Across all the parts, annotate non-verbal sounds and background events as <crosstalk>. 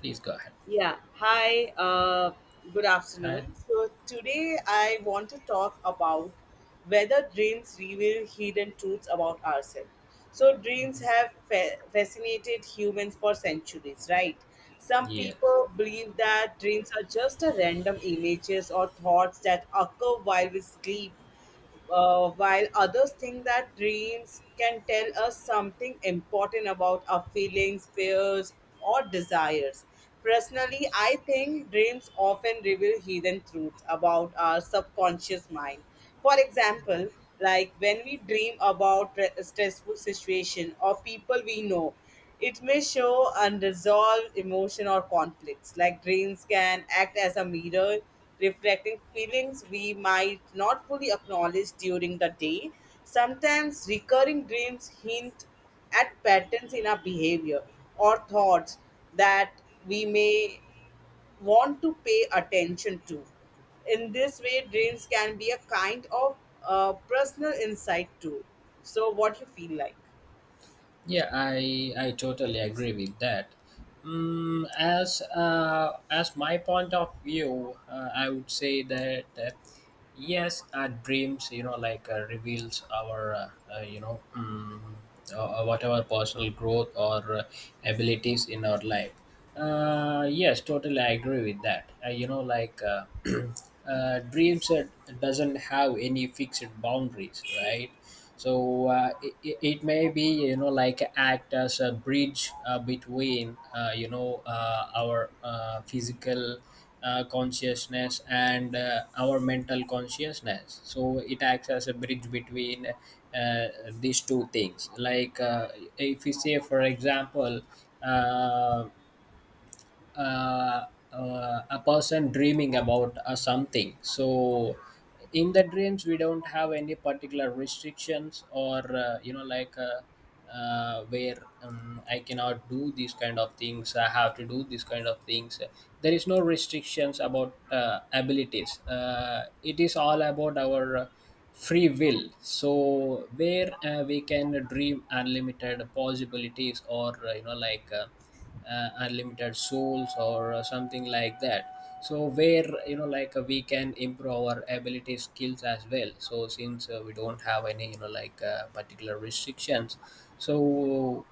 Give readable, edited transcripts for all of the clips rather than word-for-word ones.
Please go ahead. Yeah. Hi. Good Uh, afternoon. So today I want to talk about whether dreams reveal hidden truths about ourselves. So dreams have fascinated humans for centuries, right? Some yeah. people believe that dreams are just a random images or thoughts that occur while we sleep, while others think that dreams can tell us something important about our feelings, fears, or desires. Personally, Yes. I think dreams often reveal hidden truths about our subconscious mind. For example, like when we dream about stressful situation or people we know, it may show unresolved emotion or conflicts. Like dreams can act as a mirror, reflecting feelings we might not fully acknowledge during the day. Sometimes recurring dreams hint at patterns in our behavior or thoughts that we may want to pay attention to. In this way, dreams can be a kind of personal insight too. So, what you feel like? Yeah, I totally agree with that. As my point of view, I would say that yes, our dreams, reveals our whatever personal growth or abilities in our life. Yes, totally, I agree with that. <clears throat> Dreams doesn't have any fixed boundaries, right? So it may be, act as a bridge between our physical consciousness and our mental consciousness, so it acts as a bridge between these two things. If you say, for example, uh, uh, a person dreaming about something, so in the dreams we don't have any particular restrictions or, you know like where I cannot do these kind of things, I have to do these kind of things. There is no restrictions about abilities. It is all about our free will, so where we can dream unlimited possibilities or, unlimited souls or something like that. So, where you know like we can improve our ability skills as well, so since we don't have any, particular restrictions. So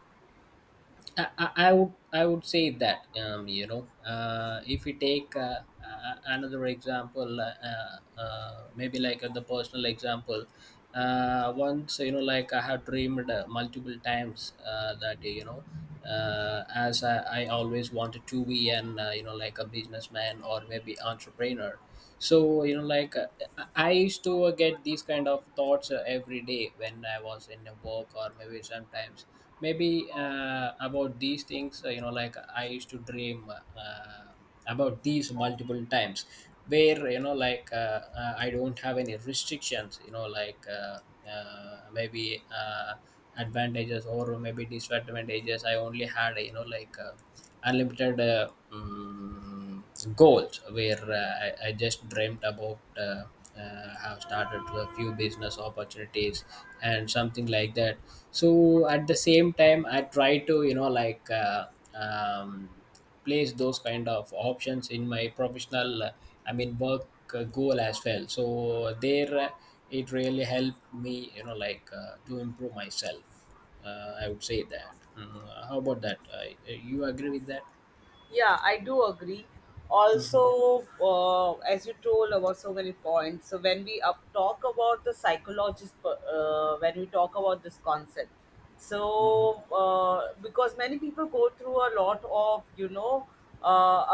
I would say that, if we take another example, maybe like the personal example. Once, I have dreamed multiple times that, you know, as I always wanted to be an, a businessman or maybe entrepreneur. So, I used to get these kind of thoughts every day when I was in a work, or maybe sometimes, maybe about these things, I used to dream, uh, about these multiple times, where, I don't have any restrictions, you know like maybe advantages or maybe disadvantages. I only had, unlimited goals, where I just dreamt about have started a few business opportunities and something like that. So at the same time, I try to, um, place those kind of options in my professional, I mean, work goal as well. So there, it really helped me, to improve myself, I would say that. How about that? You agree with that? Yeah, I do agree. Mm-hmm. Also, as you told about so many points, so when we up talk about the psychologist, when we talk about this concept, Mm-hmm. so because many people go through a lot of you know uh,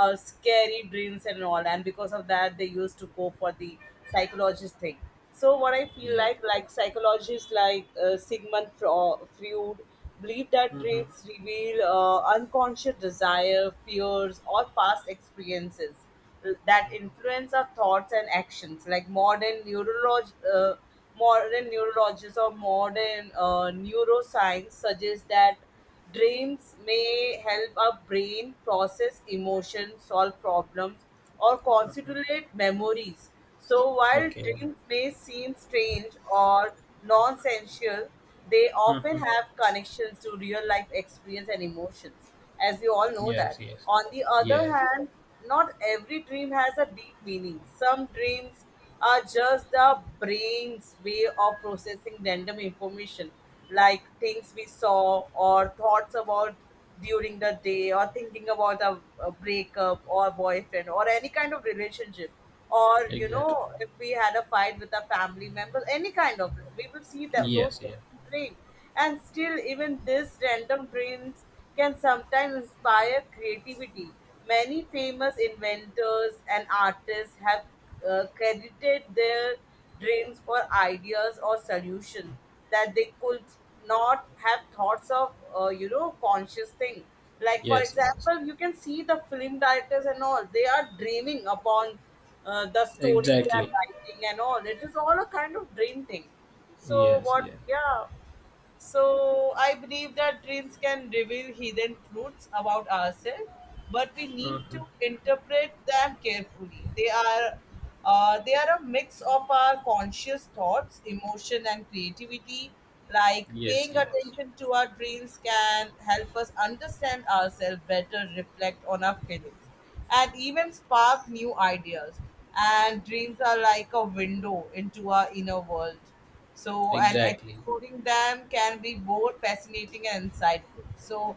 uh, scary dreams and all, and because of that they used to go for the psychologist thing. So what I feel Yeah. Like psychologists like Sigmund Freud believe that Mm-hmm. dreams reveal unconscious desire, fears, or past experiences that influence our thoughts and actions. Like modern modern neurologists or modern neuroscience suggests that dreams may help our brain process emotions, solve problems, or consolidate memories. So, while Okay. Yeah. dreams may seem strange or nonsensical, they often Mm-hmm. have connections to real life experience and emotions, as we all know Yes. that. Yes. On the other Yes. hand, not every dream has a deep meaning. Some dreams are just the brain's way of processing random information, like things we saw or thoughts about during the day, or thinking about a breakup or boyfriend or any kind of relationship, or you Exactly. know if we had a fight with a family member, any kind of we will see that those Yes, things yes, in dream. And still, even this random dreams can sometimes inspire creativity. Many famous inventors and artists have credited their drains for ideas or solution that they could not have thoughts of, you know, conscious thing. Like for yes, yes. example, you can see the film directors and all, they are dreaming upon the story they are Exactly. writing, and all it is all a kind of dream thing. So Yes, what, yes, yeah, so I believe that dreams can reveal hidden truths about ourselves, but we need to interpret them carefully. They are a mix of our conscious thoughts, emotion, and creativity. Like yes, paying yes. attention to our dreams can help us understand ourselves better, reflect on our feelings, and even spark new ideas. And dreams are like a window into our inner world. So, and Exactly. exploring them can be both fascinating and insightful. So,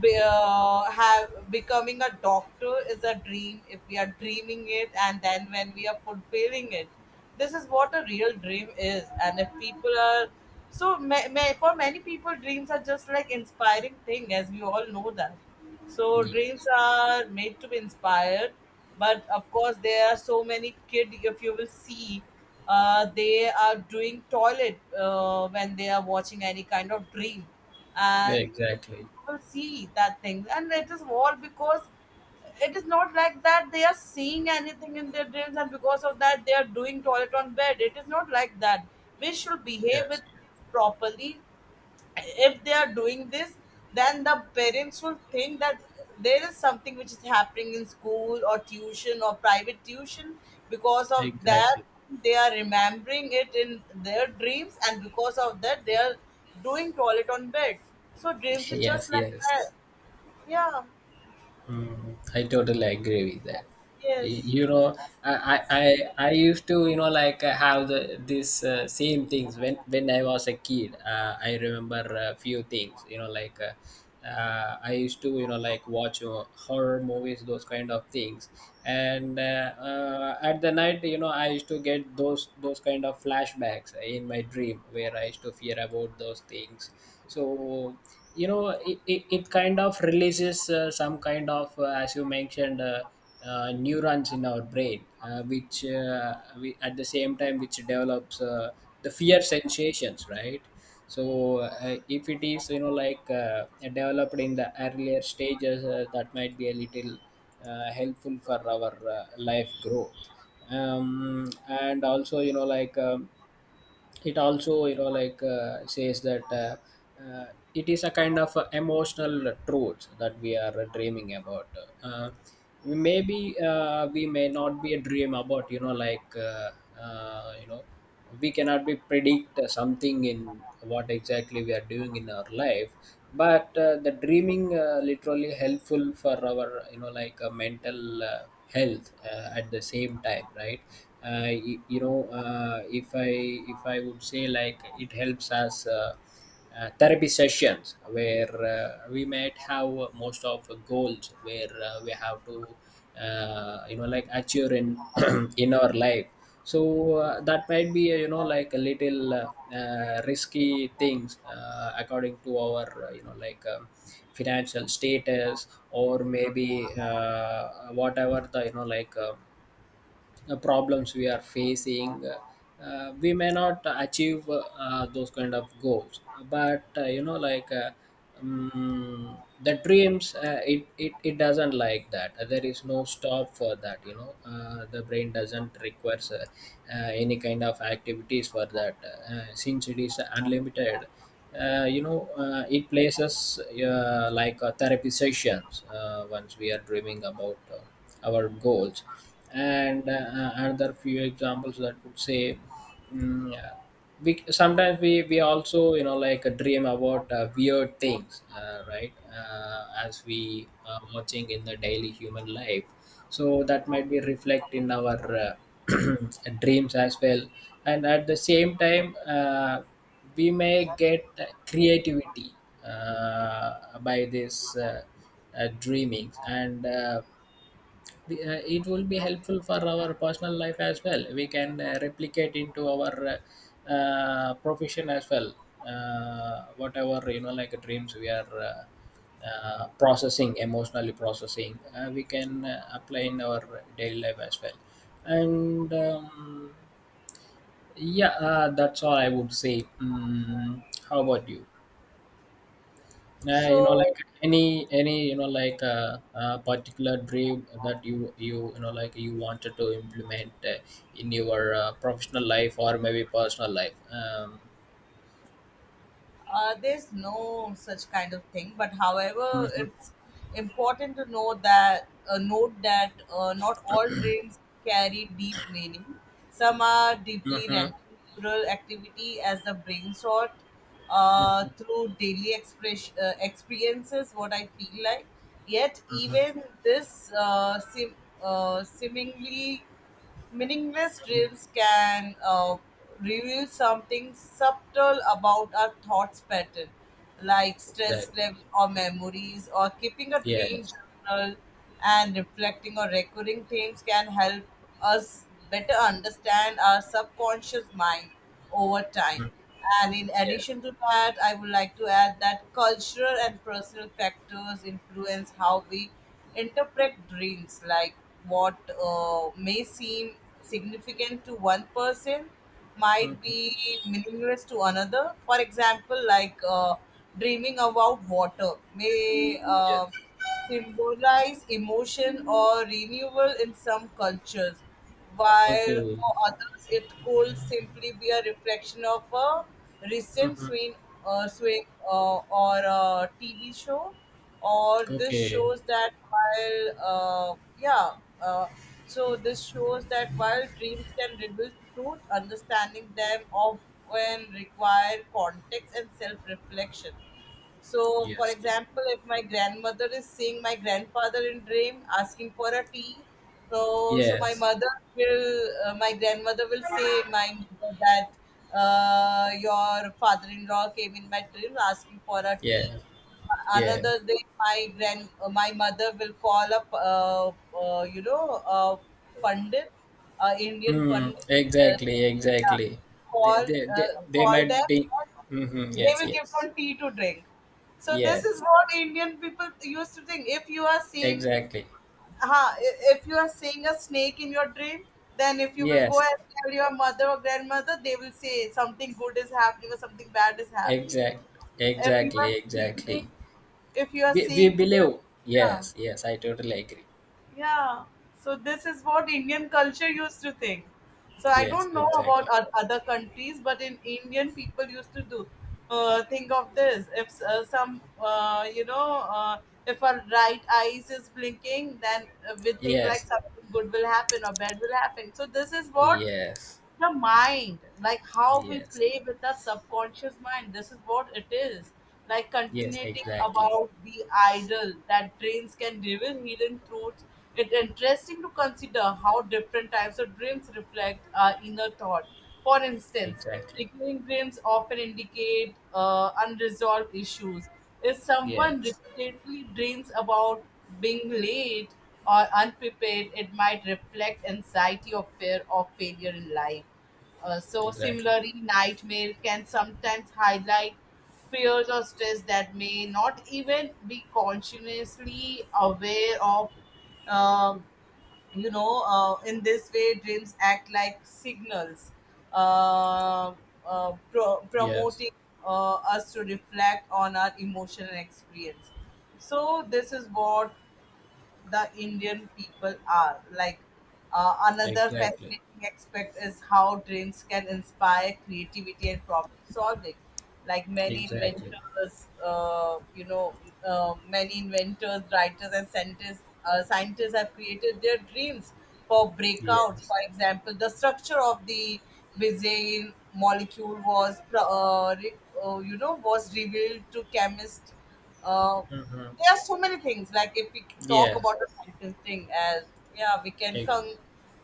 be, have becoming a doctor is a dream if we are dreaming it, and then when we are fulfilling it, this is what a real dream is. And if people are so, for many people, dreams are just like inspiring thing, as we all know that. So Yeah, dreams are made to be inspired, but of course there are so many kid. If you will see, they are doing toilet when they are watching any kind of dream, and you exactly. will see that thing, and it is all because it is not like that they are seeing anything in their dreams, and because of that they are doing toilet on bed. It is not like that. We should behave with Yes, kids properly. If they are doing this, then the parents will think that there is something which is happening in school or tuition or private tuition, because yeah, of that exactly. they are remembering it in their dreams, and because of that they are doing toilet on bed. So <laughs> dreams is just Yes, like that. yes. Yeah, Mm, I totally agree with that. Yes, You know, I, I, I I used to, you know, have the this same things when I was a kid. I remember a few things, you know, I used to, you know, like watch, horror movies, those kind of things. And at the night, you know, I used to get those kind of flashbacks in my dream where I used to fear about those things. So you know, it kind of releases some kind of, as you mentioned, neurons in our brain, which, we, at the same time, which develops the fear sensations, right? So if it is, developed in the earlier stages, that might be a little helpful for our life growth. And also, it also, says that, uh, it is a kind of emotional truth that we are dreaming about. Uh, maybe We may not be a dream about, uh, you know we cannot be predict something in what exactly we are doing in our life. But the dreaming, literally helpful for our, mental health at the same time, right? If I, would say, like, it helps us, therapy sessions where we might have most of goals where we have to achieve in <clears throat> in our life. So that might be a little risky things, according to our, financial status, or maybe whatever the, problems we are facing, we may not achieve those kind of goals. But, the dreams, it doesn't like that. There is no stop for that, you know. The brain doesn't requires any kind of activities for that, since it is unlimited. It places therapy sessions once we are dreaming about our goals. And another few examples that would say. Mm, uh, we sometimes we we also, dream about weird things, right, as we are watching in the daily human life. So that might be reflect in our <clears throat> dreams as well. And at the same time, we may get creativity by this dreamings. And it will be helpful for our personal life as well. We can replicate into our profession as well. Whatever, dreams we are, processing, emotionally processing, we can apply in our daily life as well. And Yeah, that's all I would say. How about you? Yeah, you know, so like, any particular dream that you know like you wanted to implement in your professional life or maybe personal life? There's no such kind of thing, but however, Mhm. it's important to know that note that not all dreams carry deep meaning. Some are deeply Mhm. natural activity as the brain sort through daily experiences. What I feel like, yet Mhm. even this seemingly meaningless dreams can reveal something subtle about our thoughts pattern, like stress level Exactly. or memories, or keeping a dream Yes. journal and reflecting on recurring themes can help us better understand our subconscious mind over time. And in Yeah. addition to that, I would like to add that cultural and personal factors influence how we interpret dreams, like what may seem significant to one person might Mhm. be meaningless to another. For example, like dreaming about water may Yes. Symbolize emotion or renewal in some cultures, while Okay. for others it could simply be a reflection of a recent Hmm. swing, or a TV show. Or this Okay. shows that while, uh, yeah, uh, so this shows that while dreams can reveal truth, understanding them often require context and self reflection. So, for Yes. Yeah. example, if my grandmother is seeing my grandfather in dream asking for a tea, so so my Yes. mother will, my grandmother will say my mother that your father-in-law came in my dream asking for a tea. Yes. Yes. Another day, my my mother will call up, uh, you know, uh, pandit, Indian Hmm. pandit. Uh, Exactly. Exactly. They Call they they, they call might them, be. Hmm. they Yes. will give Yes. one tea to drink. So this is Yes. what Indian people used to think. If you are seeing, Exactly. If you are seeing a snake in your dream, then if you will go Yes. and tell your mother or grandmother, they will say something good is happening or something bad is happening. Exact. If you Exactly. are Exactly. seeing if you are We seeing believe. yeah Yes. Yes. I totally agree. Yeah. So this is what Indian culture used to think. So I Yes. don't know about Exactly. Other countries, but in Indian people used to do think of this. If some, if our right eyes is blinking, then we think like Yes. something good will happen or bad will happen. So this is what Yes. the mind, like how we Yes. play with the subconscious mind, this is what it is. Like Yes. continuing Exactly. about the idol that dreams can reveal hidden truths, it's interesting to consider how different types of dreams reflect our inner thought. For instance, Exactly. recurring dreams often indicate unresolved issues. If someone Yes. repeatedly dreams about being late or unprepared, it might reflect anxiety or fear of failure in life. So, Exactly. similarly, nightmare can sometimes highlight fears or stress that may not even be consciously aware of. Um, you know, in this way, dreams act like signals, uh, Yes. promoting us to reflect on our emotional experience. So, this is what the Indian people are. Like another Exactly. fascinating aspect is how drinks can inspire creativity and problem solving. Like many Exactly. inventors, many inventors, writers, and scientists, scientists have created their dreams for breakouts. Yes. For example, the structure of the Bezier molecule was, was revealed to chemists. uh, Mm-hmm. there are so many things. Like if we can talk Yes. about the scientist thing, as, yeah, we can E- come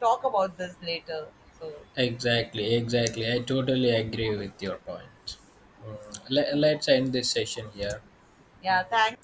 talk about this later. So Exactly. Exactly. I totally agree with your point. Mm. Let's end this session here. Mm. yeah, thanks.